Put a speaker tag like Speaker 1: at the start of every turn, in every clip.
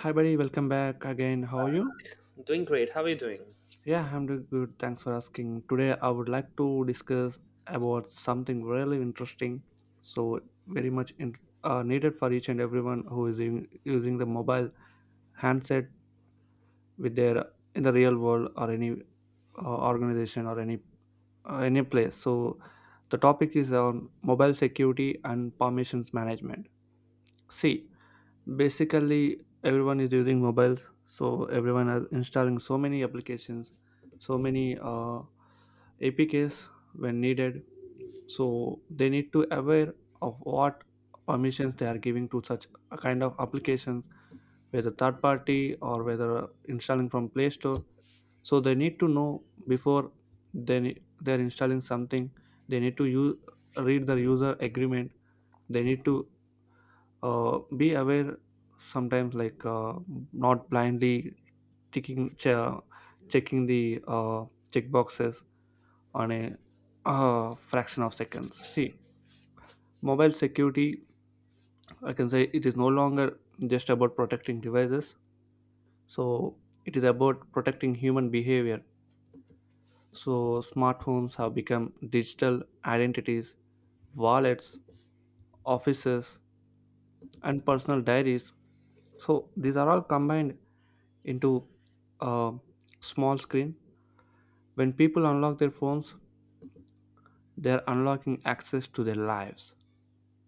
Speaker 1: Hi, buddy. Welcome back again. How are you?
Speaker 2: Doing great. How are you doing?
Speaker 1: Yeah, I'm doing good. Thanks for asking. Today, I would like to discuss about something really interesting. So, very much in, needed for each and everyone who is in, using the mobile handset with their in the real world or any organization or any place. So, the topic is on mobile security and permissions management. See basically everyone is using mobiles so everyone is installing so many applications so many apks when needed so they need to aware of what permissions they are giving to such a kind of applications whether third party or whether installing from play store so they need to know before they're installing something they need to use read the user agreement they need to be aware sometimes like not blindly checking che- checking the check boxes on a fraction of seconds see mobile security I can say it is no longer just about protecting devices so it is about protecting human behavior so smartphones have become digital identities, wallets, offices, and personal diaries so these are all combined into a small screen. When people unlock their phones, they're unlocking access to their lives.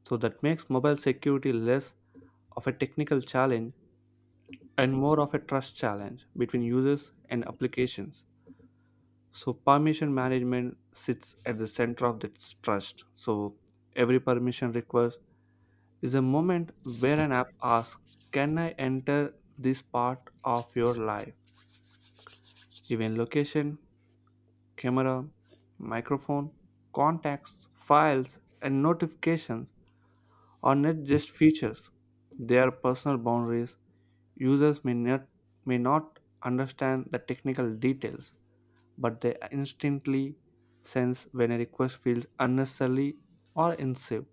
Speaker 1: So that makes mobile security less of a technical challenge and more of a trust challenge between users and applications. So permission management sits at the center of this trust. So every permission request is a moment where an app asks, can I enter this part of your life? Even location, camera, microphone, contacts, files, and notifications are not just features. They are personal boundaries. Users may not understand the technical details, but they instantly sense when a request feels unnecessary or invasive.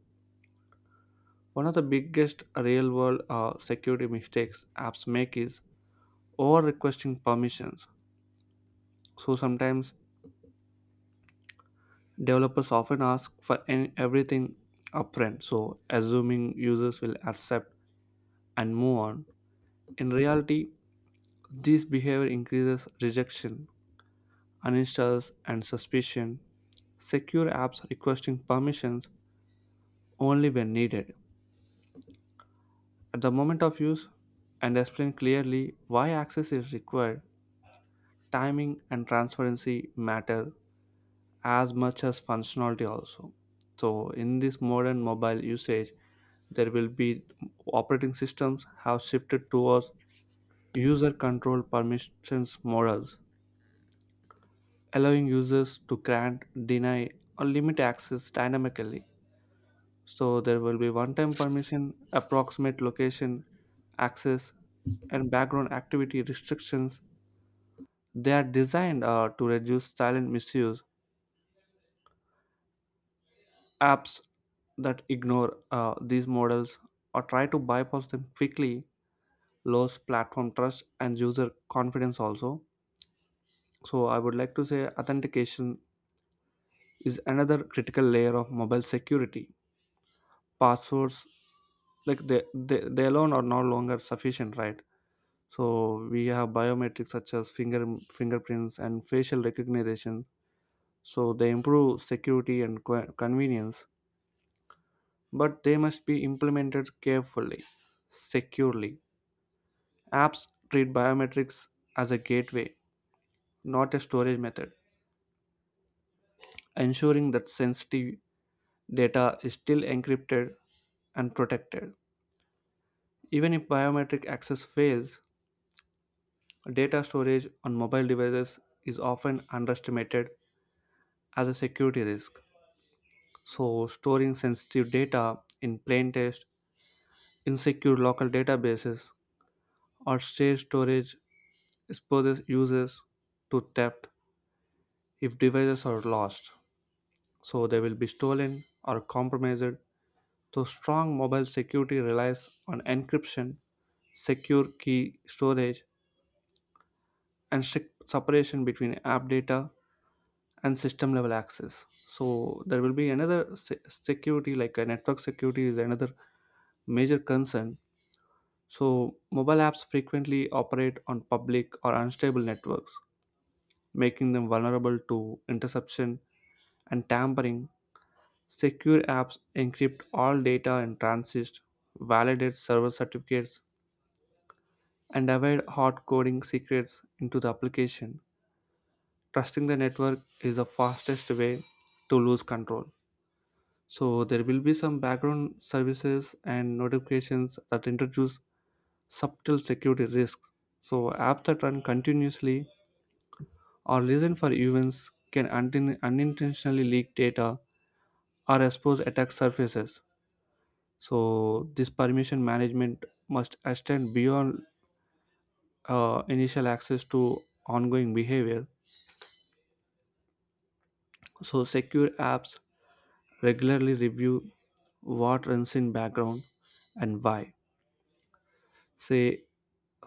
Speaker 1: One of the biggest real world security mistakes apps make is over requesting permissions. So sometimes developers often ask for everything upfront, so assuming users will accept and move on. In reality, this behavior increases rejection, uninstalls, and suspicion. Secure apps requesting permissions only when needed. At the moment of use, and explain clearly why access is required, timing and transparency matter as much as functionality also. So in this modern mobile usage, there will be operating systems have shifted towards user control permissions models allowing users to grant, deny, or limit access dynamically so there will be one time permission, approximate location access, and background activity restrictions they are designed to reduce silent misuse. Apps that ignore these models or try to bypass them quickly lose platform trust and user confidence also. So I would like to say authentication is another critical layer of mobile security. Passwords like they alone are no longer sufficient, right? So we have biometrics such as fingerprints and facial recognition. So they improve security and convenience, but they must be implemented carefully, securely. Apps treat biometrics as a gateway, not a storage method, ensuring that sensitive data is still encrypted and protected. Even if biometric access fails, data storage on mobile devices is often underestimated as a security risk. So, storing sensitive data in plain text, insecure local databases, or shared storage exposes users to theft if devices are lost. So, they will be stolen or compromised. So, strong mobile security relies on encryption, secure key storage, and strict separation between app data and system level access. So, there will be another security, like a network security, is another major concern. So, mobile apps frequently operate on public or unstable networks, making them vulnerable to interception and tampering. Secure apps encrypt all data in transit, validate server certificates, and avoid hard coding secrets into the application. Trusting the network is the fastest way to lose control. So there will be some background services and notifications that introduce subtle security risks. So apps that run continuously or listen for events can unintentionally leak data or expose attack surfaces. So this permission management must extend beyond initial access to ongoing behavior. So secure apps regularly review what runs in background and why. Say,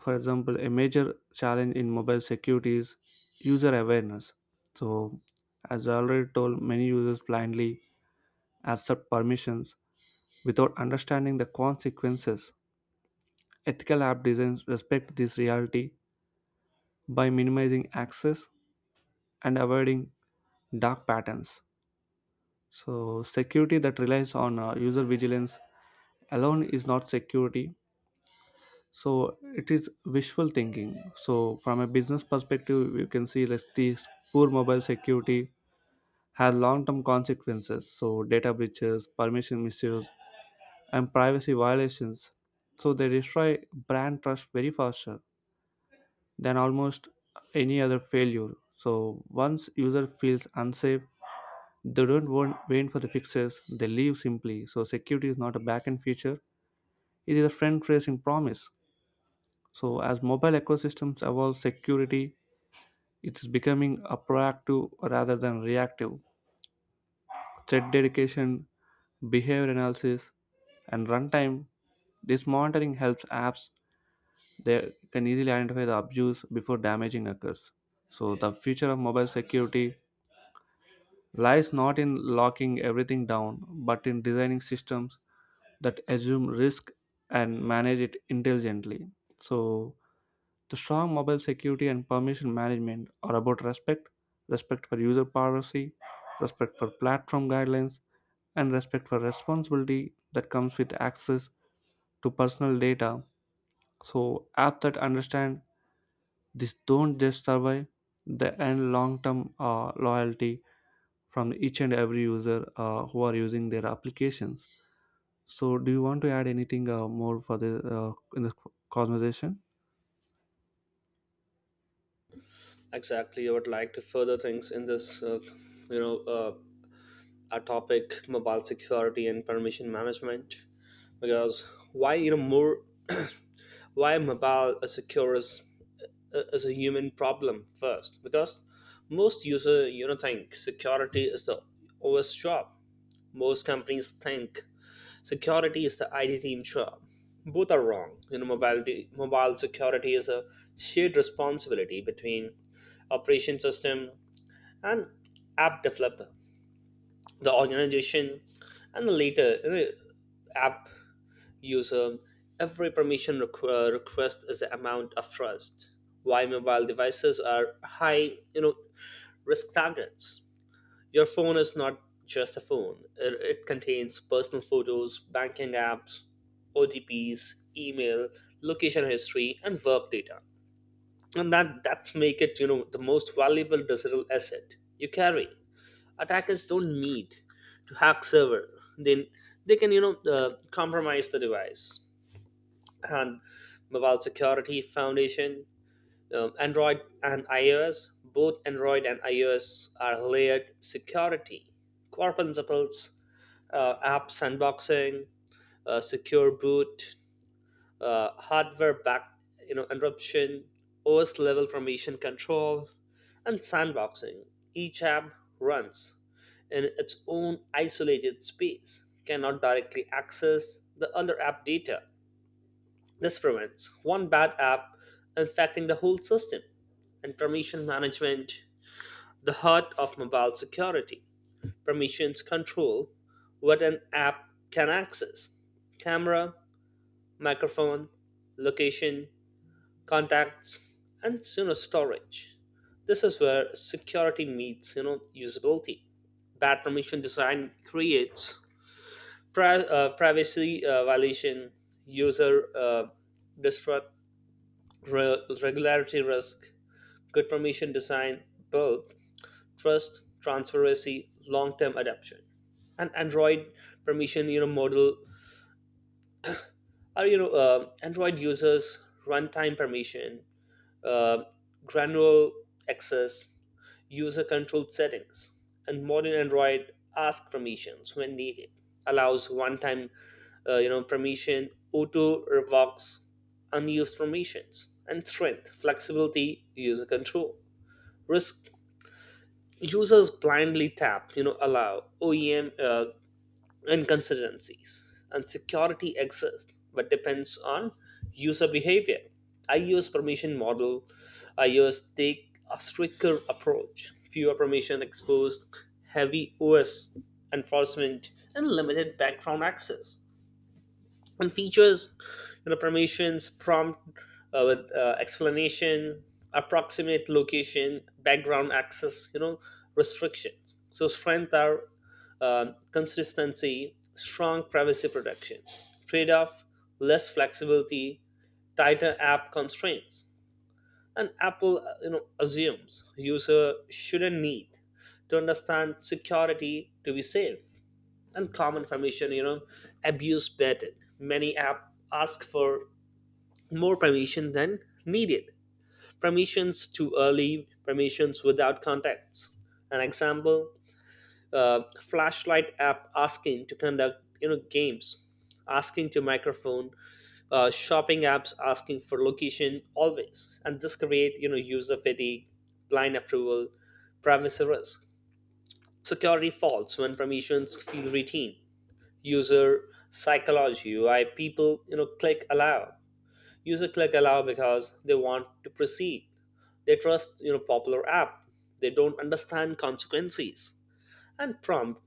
Speaker 1: for example, a major challenge in mobile security is user awareness. So, as I already told, many users blindly accept permissions without understanding the consequences. Ethical app designs respect this reality by minimizing access and avoiding dark patterns. So, security that relies on user vigilance alone is not security, so it is wishful thinking. So from a business perspective you can see that this poor mobile security has long-term consequences. So data breaches, permission misuse, and privacy violations, so they destroy brand trust very faster than almost any other failure. So once user feels unsafe they don't want, wait for the fixes they leave simply. So security is not a back-end feature, it is a friend tracing promise. So, as mobile ecosystems evolve, security it is becoming a proactive rather than reactive. Threat dedication, behavior analysis, and runtime. This monitoring helps apps they can easily identify the abuse before damaging occurs. So, the future of mobile security lies not in locking everything down, but in designing systems that assume risk and manage it intelligently. So, the strong mobile security and permission management are about respect, respect for user privacy, respect for platform guidelines, and respect for responsibility that comes with access to personal data. So apps that understand this don't just survive, they earn long-term loyalty from each and every user who are using their applications. So do you want to add anything more for the in the conversation?
Speaker 2: Exactly. I would like to further things in this, you know, uh, our topic, mobile security and permission management, because why you know more, why mobile is secure is a human problem first, because most user you know think security is the OS job. Most companies think security is the IT team job. Both are wrong. Mobile security is a shared responsibility between operation system, and app developer. The organization and later app user. Every request is an amount of trust. Why mobile devices are high, risk targets. Your phone is not just a phone. It contains personal photos, banking apps, OTPs, email, location history, and work data. And that's make it the most valuable digital asset you carry. Attackers don't need to hack server, then they can compromise the device. And mobile security foundation, Android and iOS, both Android and iOS are layered security, core principles, app sandboxing, secure boot, hardware back, interruption, OS level permission control and sandboxing. Each app runs in its own isolated space, cannot directly access the other app data. This prevents one bad app infecting the whole system. And permission management, the heart of mobile security. Permissions control what an app can access: camera, microphone, location, contacts, and storage. This is where security meets usability. Bad permission design creates privacy violation, user disrupt, regularity risk. Good permission design build trust, transparency, long-term adoption. And Android permission model are Android users runtime permission, uh, granular access, user-controlled settings, and modern Android asks permissions when needed, allows one-time, permission, auto revokes unused permissions, and strength, flexibility, user control. Risk: users blindly tap, allow. OEM inconsistencies and security exists but depends on user behavior. I use permission model, I use take a stricter approach, fewer permission exposed, heavy OS enforcement and limited background access, and features permissions prompt with explanation, approximate location, background access restrictions. So strength are uh, consistency, strong privacy protection. Trade-off: less flexibility, tighter app constraints. And Apple assumes user shouldn't need to understand security to be safe. And common permission abuse pattern: many app ask for more permission than needed, permissions too early, permissions without context. An example: flashlight app asking to conduct, games asking to microphone, shopping apps asking for location always. And this create user fatigue, blind approval, privacy risk, security faults when permissions feel routine. User psychology: why people click allow? User click allow because they want to proceed, they trust popular app, they don't understand consequences, and prompt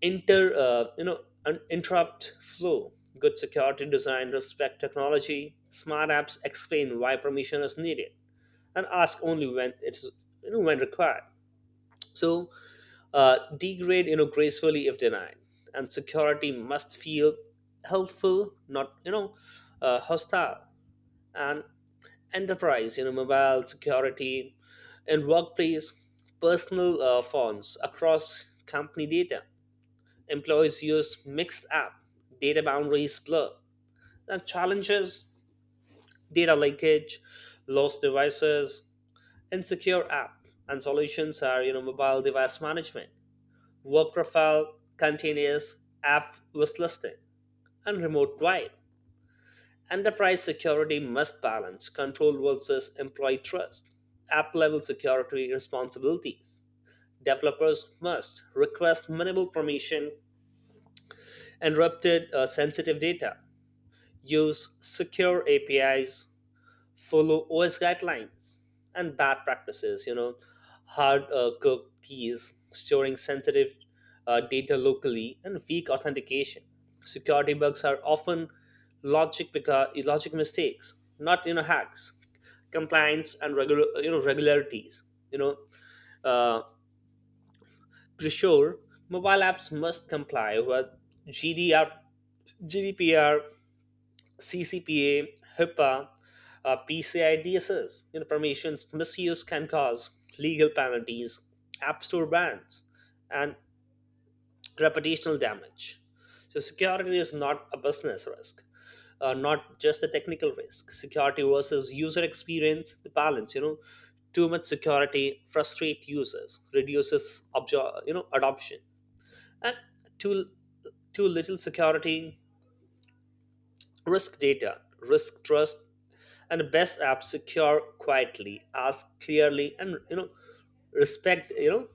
Speaker 2: inter you know an interrupt flow. Good security design respect technology. Smart apps explain why permission is needed, and ask only when it's when required. So degrade gracefully if denied. And security must feel helpful, not hostile. And enterprise mobile security in workplace: personal phones across company data, employees use mixed app, data boundaries blur. And challenges: data leakage, lost devices, insecure app. And solutions are mobile device management, work profile, continuous app was listing, and remote drive. Enterprise security must balance control versus employee trust. App level security responsibilities: developers must request minimal permission, encrypted sensitive data, use secure APIs, follow OS guidelines. And bad practices, hard cooked keys, storing sensitive data locally, and weak authentication. Security bugs are often logic, because logic mistakes, not hacks. Compliance and regular regularities, you know, uh, to ensure mobile apps must comply with GDR, GDPR, CCPA, HIPAA, PCI DSS. Information misuse can cause legal penalties, app store bans, and reputational damage. So security is not a business risk, not just a technical risk. Security versus user experience, the balance, too much security frustrate users, reduces adoption, and too too little security risk data, risk trust. And the best app secure quietly, ask clearly, and respect you know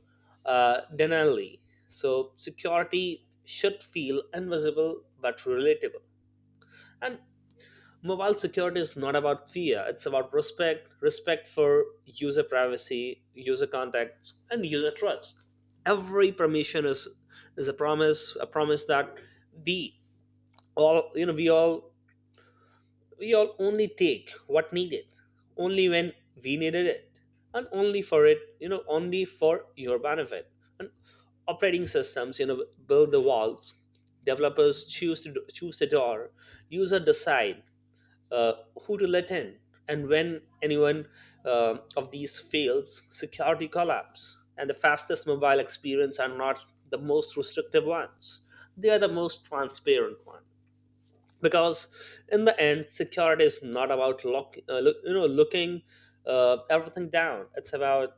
Speaker 2: uh, denially. So security should feel invisible but relatable. And mobile security is not about fear; it's about respect: respect for user privacy, user contacts, and user trust. Every permission is a promise that we all you know we all only take what needed, only when we needed it, and only for it, only for your benefit. And operating systems, build the walls. Developers choose the door. User decide, uh, who to let in, and when anyone of these fails, security collapse. And the fastest mobile experience are not the most restrictive ones; they are the most transparent ones, because in the end security is not about look, looking everything down. It's about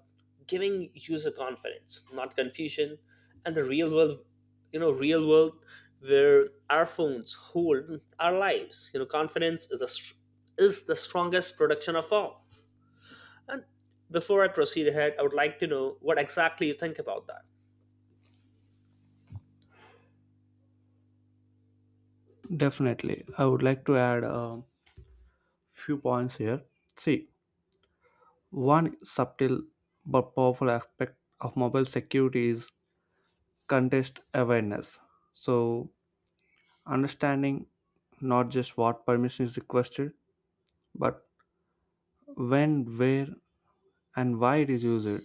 Speaker 2: giving user confidence, not confusion. And the real world, you know real world where our phones hold our lives, confidence is is the strongest production of all. And before I proceed ahead, I would like to know what exactly you think about that.
Speaker 1: Definitely, I would like to add few points here. See, one subtle but powerful aspect of mobile security is context awareness. So, understanding not just what permission is requested, but when, where, and why it is used.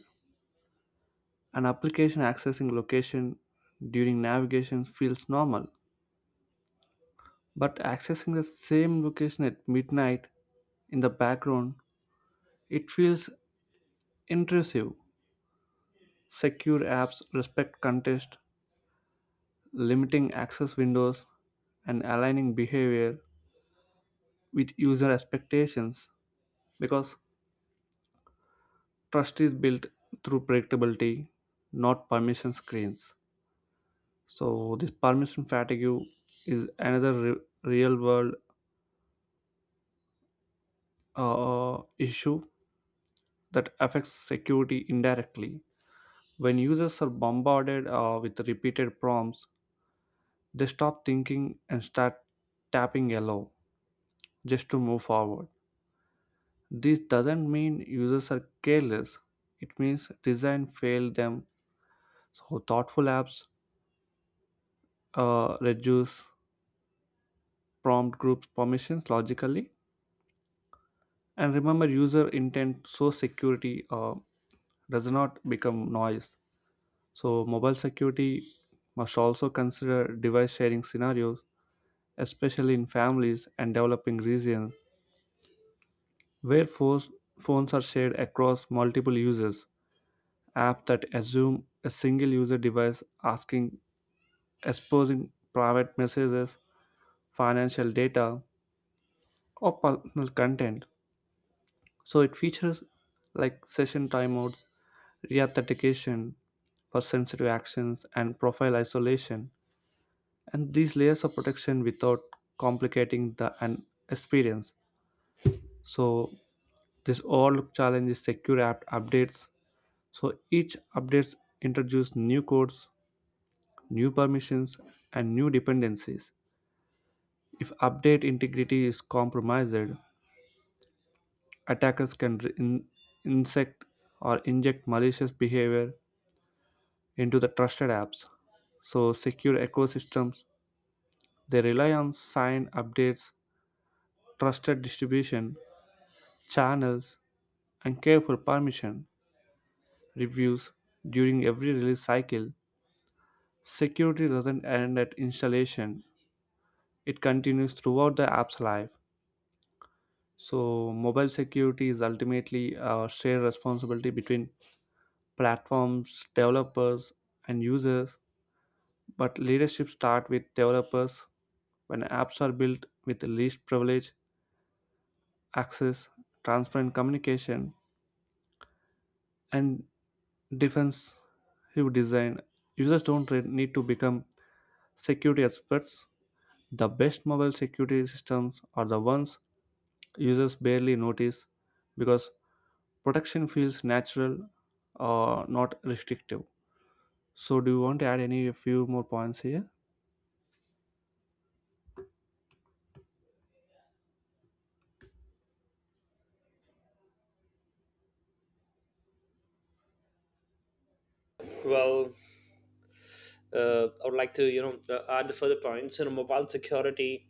Speaker 1: An application accessing location during navigation feels normal, but accessing the same location at midnight in the background, it feels intrusive. Secure apps respect context limiting access windows, and aligning behavior with user expectations because trust is built through predictability, not permission screens. So, this permission fatigue is another real world issue that affects security indirectly. When users are bombarded with repeated prompts, they stop thinking and start tapping allow just to move forward. This doesn't mean users are careless. It means design failed them. So thoughtful apps reduce prompt groups permissions logically. And remember user intent so security does not become noise. So mobile security must also consider device sharing scenarios, especially in families and developing regions where phones are shared across multiple users. Apps that assume a single user device asking exposing private messages, financial data, or personal content. So it features like session timeouts, reauthentication for sensitive actions, and profile isolation. And these layers of protection without complicating the an experience. So this all challenge is secure app updates. So each updates introduce new codes, new permissions, and new dependencies. If update integrity is compromised, attackers can insect or inject malicious behavior into the trusted apps. So, secure ecosystems they rely on signed updates, trusted distribution channels, and careful permission reviews during every release cycle. Security doesn't end at installation; it continues throughout the app's life. So, mobile security is ultimately a shared responsibility between platforms, developers, and users. But leadership starts with developers. When apps are built with the least privilege, access, transparent communication, and defensive design, users don't need to become security experts. The best mobile security systems are the ones users barely notice because protection feels natural or not restrictive. So, do you want to add any a few more points here?
Speaker 2: Well, I would like to add the further points. Mobile security,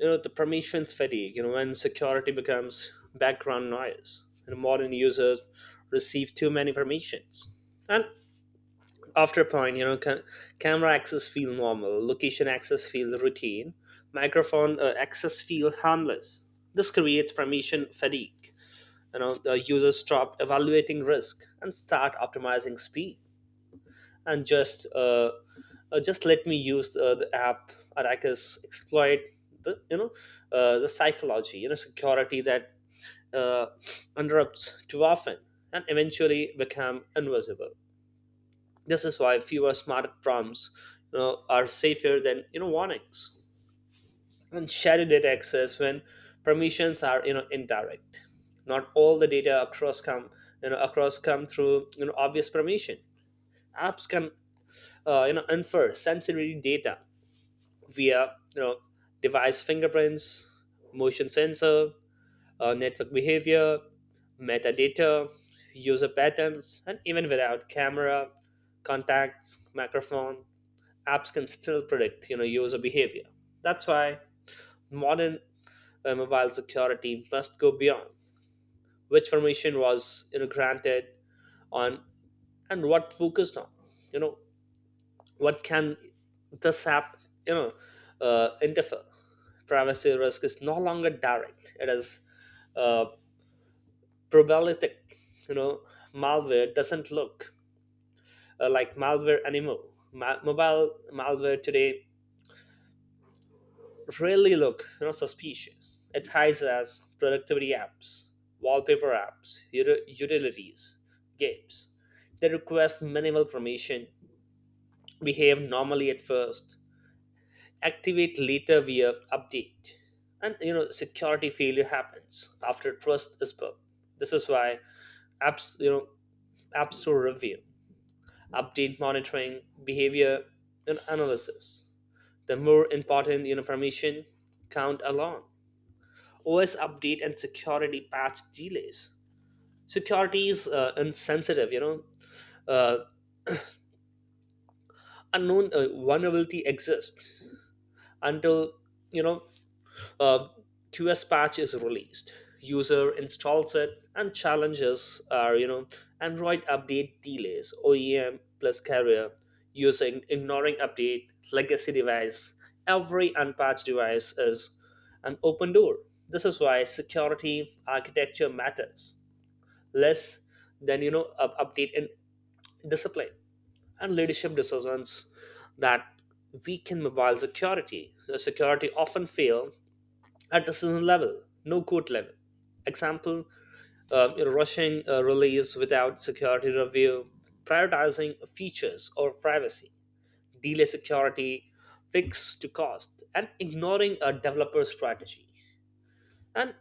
Speaker 2: the permissions fatigue, when security becomes background noise. Modern users receive too many permissions. And after a point, camera access feel normal, location access feel routine, microphone access feel harmless. This creates permission fatigue. The users stop evaluating risk and start optimizing speed, and just let me use the app or I can exploit the, the psychology. Security that uh, interrupts too often and eventually become invisible. This is why fewer smart prompts, are safer than warnings. And shared data access, when permissions are indirect, not all the data across come through obvious permission, apps can infer sensitivity data via, device fingerprints, motion sensor, network behavior, metadata, user patterns, and even without camera, contacts, microphone, apps can still predict user behavior. That's why modern mobile security must go beyond which permission was granted on, and what focused on, you know what can this app you know interfere. Privacy risk is no longer direct, it is uh, probabilistic. you know malware doesn't look like malware anymore. Mobile malware today really look suspicious. It hides as productivity apps, wallpaper apps, utilities, games. They request minimal permission, behave normally at first, activate later via update. And security failure happens after trust is built. This is why apps, app store review, update monitoring behavior, and analysis, the more important. Permission count alone, OS update and security patch delays, security is insensitive. Uh, unknown vulnerability exists until, you know a QS patch is released. User installs it, and challenges are, Android update delays, OEM plus carrier, using ignoring update, legacy device. Every unpatched device is an open door. This is why security architecture matters less than, update in discipline, and leadership decisions that weaken mobile security. The security often fail at the season level, no court level. Example: rushing a release without security review, prioritizing features or privacy, delay security, fix to cost, and ignoring a developer strategy. And,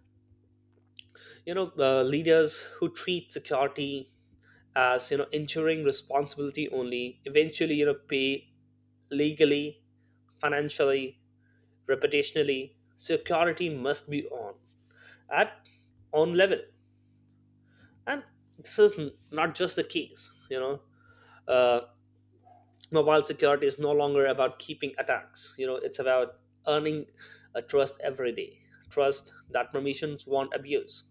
Speaker 2: leaders who treat security as, ensuring responsibility only, eventually pay legally, financially, reputationally. Security must be on, at on level. And this is not just the case, Uh, mobile security is no longer about keeping attacks. It's about earning a trust every day. Trust that permissions won't abuse,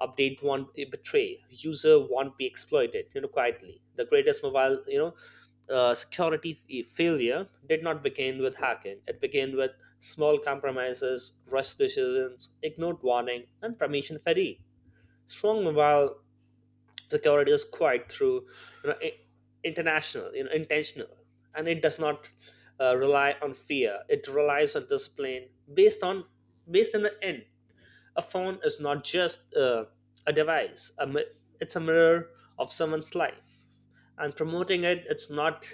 Speaker 2: update won't be betray, user won't be exploited, quietly. The greatest mobile, security failure did not begin with hacking. It began with small compromises, rush decisions, ignored warning, and permission fatigue. Strong mobile the security is quite through, you know, i- international, intentional, and it does not rely on fear, it relies on discipline based on, based on the end. A phone is not just a device it's a mirror of someone's life, and promoting it, it's not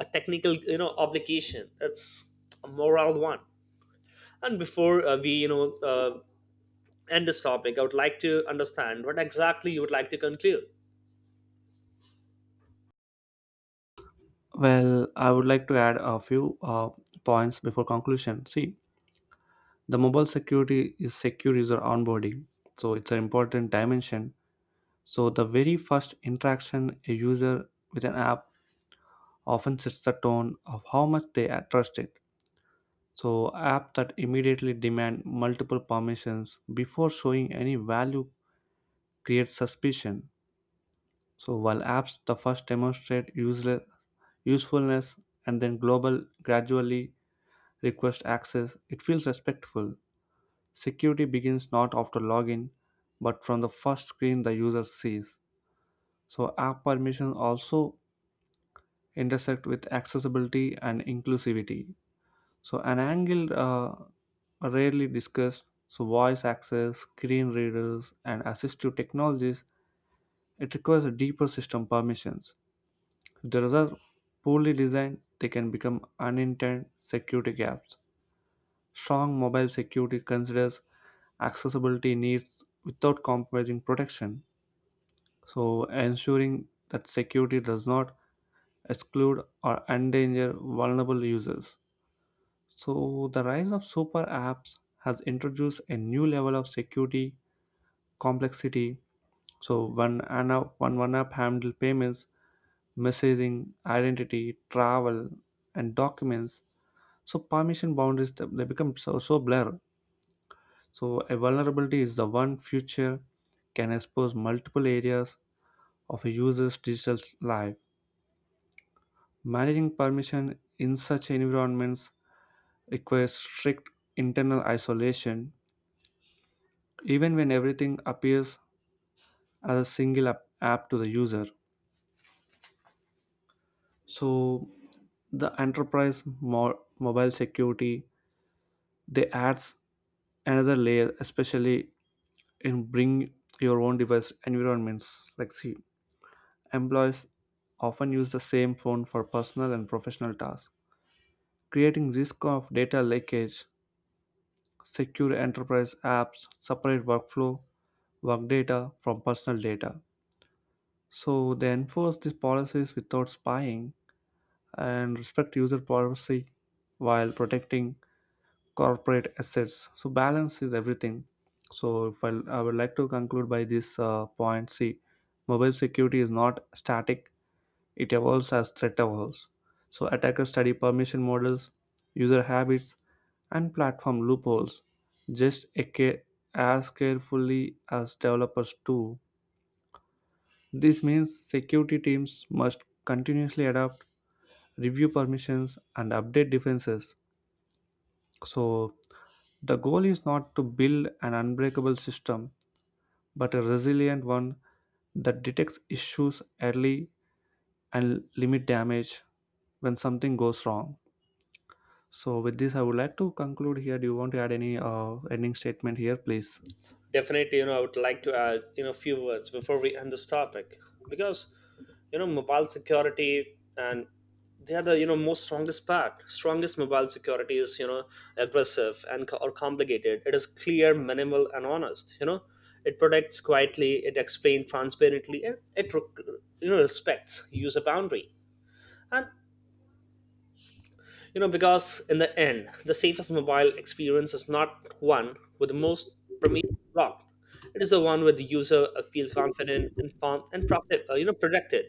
Speaker 2: a technical, obligation, it's a moral one. And before, we you know end this topic, I would like to understand what exactly you would like to conclude.
Speaker 1: Well, I would like to add a few points before conclusion. See, the mobile security is secure user onboarding so it's an important dimension. So the very first interaction a user with an app often sets the tone of how much they are trusted. So apps that immediately demand multiple permissions before showing any value create suspicion. So while apps the first demonstrate usefulness and then global gradually request access it feels respectful. Security begins not after login, but from the first screen the user sees. So app permissions also intersect with accessibility and inclusivity. So an angle rarely discussed, so voice access, screen readers, and assistive technologies, it requires deeper system permissions. If the results are poorly designed, they can become unintended security gaps. Strong mobile security considers accessibility needs without compromising protection, so ensuring that security does not exclude or endanger vulnerable users. So the rise of super apps has introduced a new level of security complexity. So when an app, when one app handles payments, messaging, identity, travel, and documents, so permission boundaries they become so blur. So a vulnerability is the one future can expose multiple areas of a user's digital life. Managing permission in such environments requires strict internal isolation, even when everything appears as a single app to the user. So the enterprise mobile security they adds another layer, especially in bring your own device environments. Like see, employees often use the same phone for personal and professional tasks, creating risk of data leakage. Secure enterprise apps separate workflow, work data from personal data. So they enforce these policies without spying and respect user privacy while protecting corporate assets. So balance is everything. So if I, I would like to conclude by this point. See, mobile security is not static. It evolves as threat evolves. So attackers study permission models, user habits, and platform loopholes just a ca- as carefully as developers do. This means security teams must continuously adapt, review permissions, and update defenses. So the goal is not to build an unbreakable system but a resilient one that detects issues early and limit damage when something goes wrong. So with this, I would like to conclude here. Do you want to add any ending statement here, please?
Speaker 2: Definitely, I would like to add, a few words before we end this topic, because, mobile security, and they are the, you know most strongest part strongest mobile security is, aggressive and co- or complicated, it is clear, minimal and honest. It protects quietly, it explains transparently, and it respects user boundary. And, because in the end, the safest mobile experience is not one with the most permission locked. It is the one where the user feel confident, informed, and protected. Protected.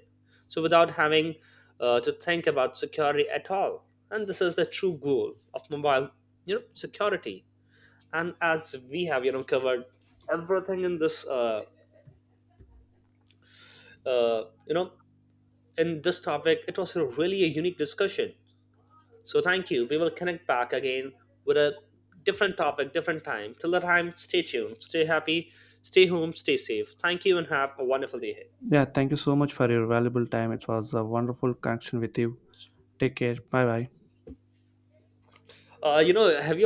Speaker 2: So without having to think about security at all. And this is the true goal of mobile, security. And as we have, covered everything in this, uh, you know, in this topic, it was a really a unique discussion. So thank you. We will connect back again with a different topic, different time. Till the time, stay tuned, stay happy, stay home, stay safe. Thank you, and have a wonderful day ahead.
Speaker 1: Yeah, thank you so much for your valuable time. It was a wonderful connection with you. Take care. Bye bye.
Speaker 2: Have you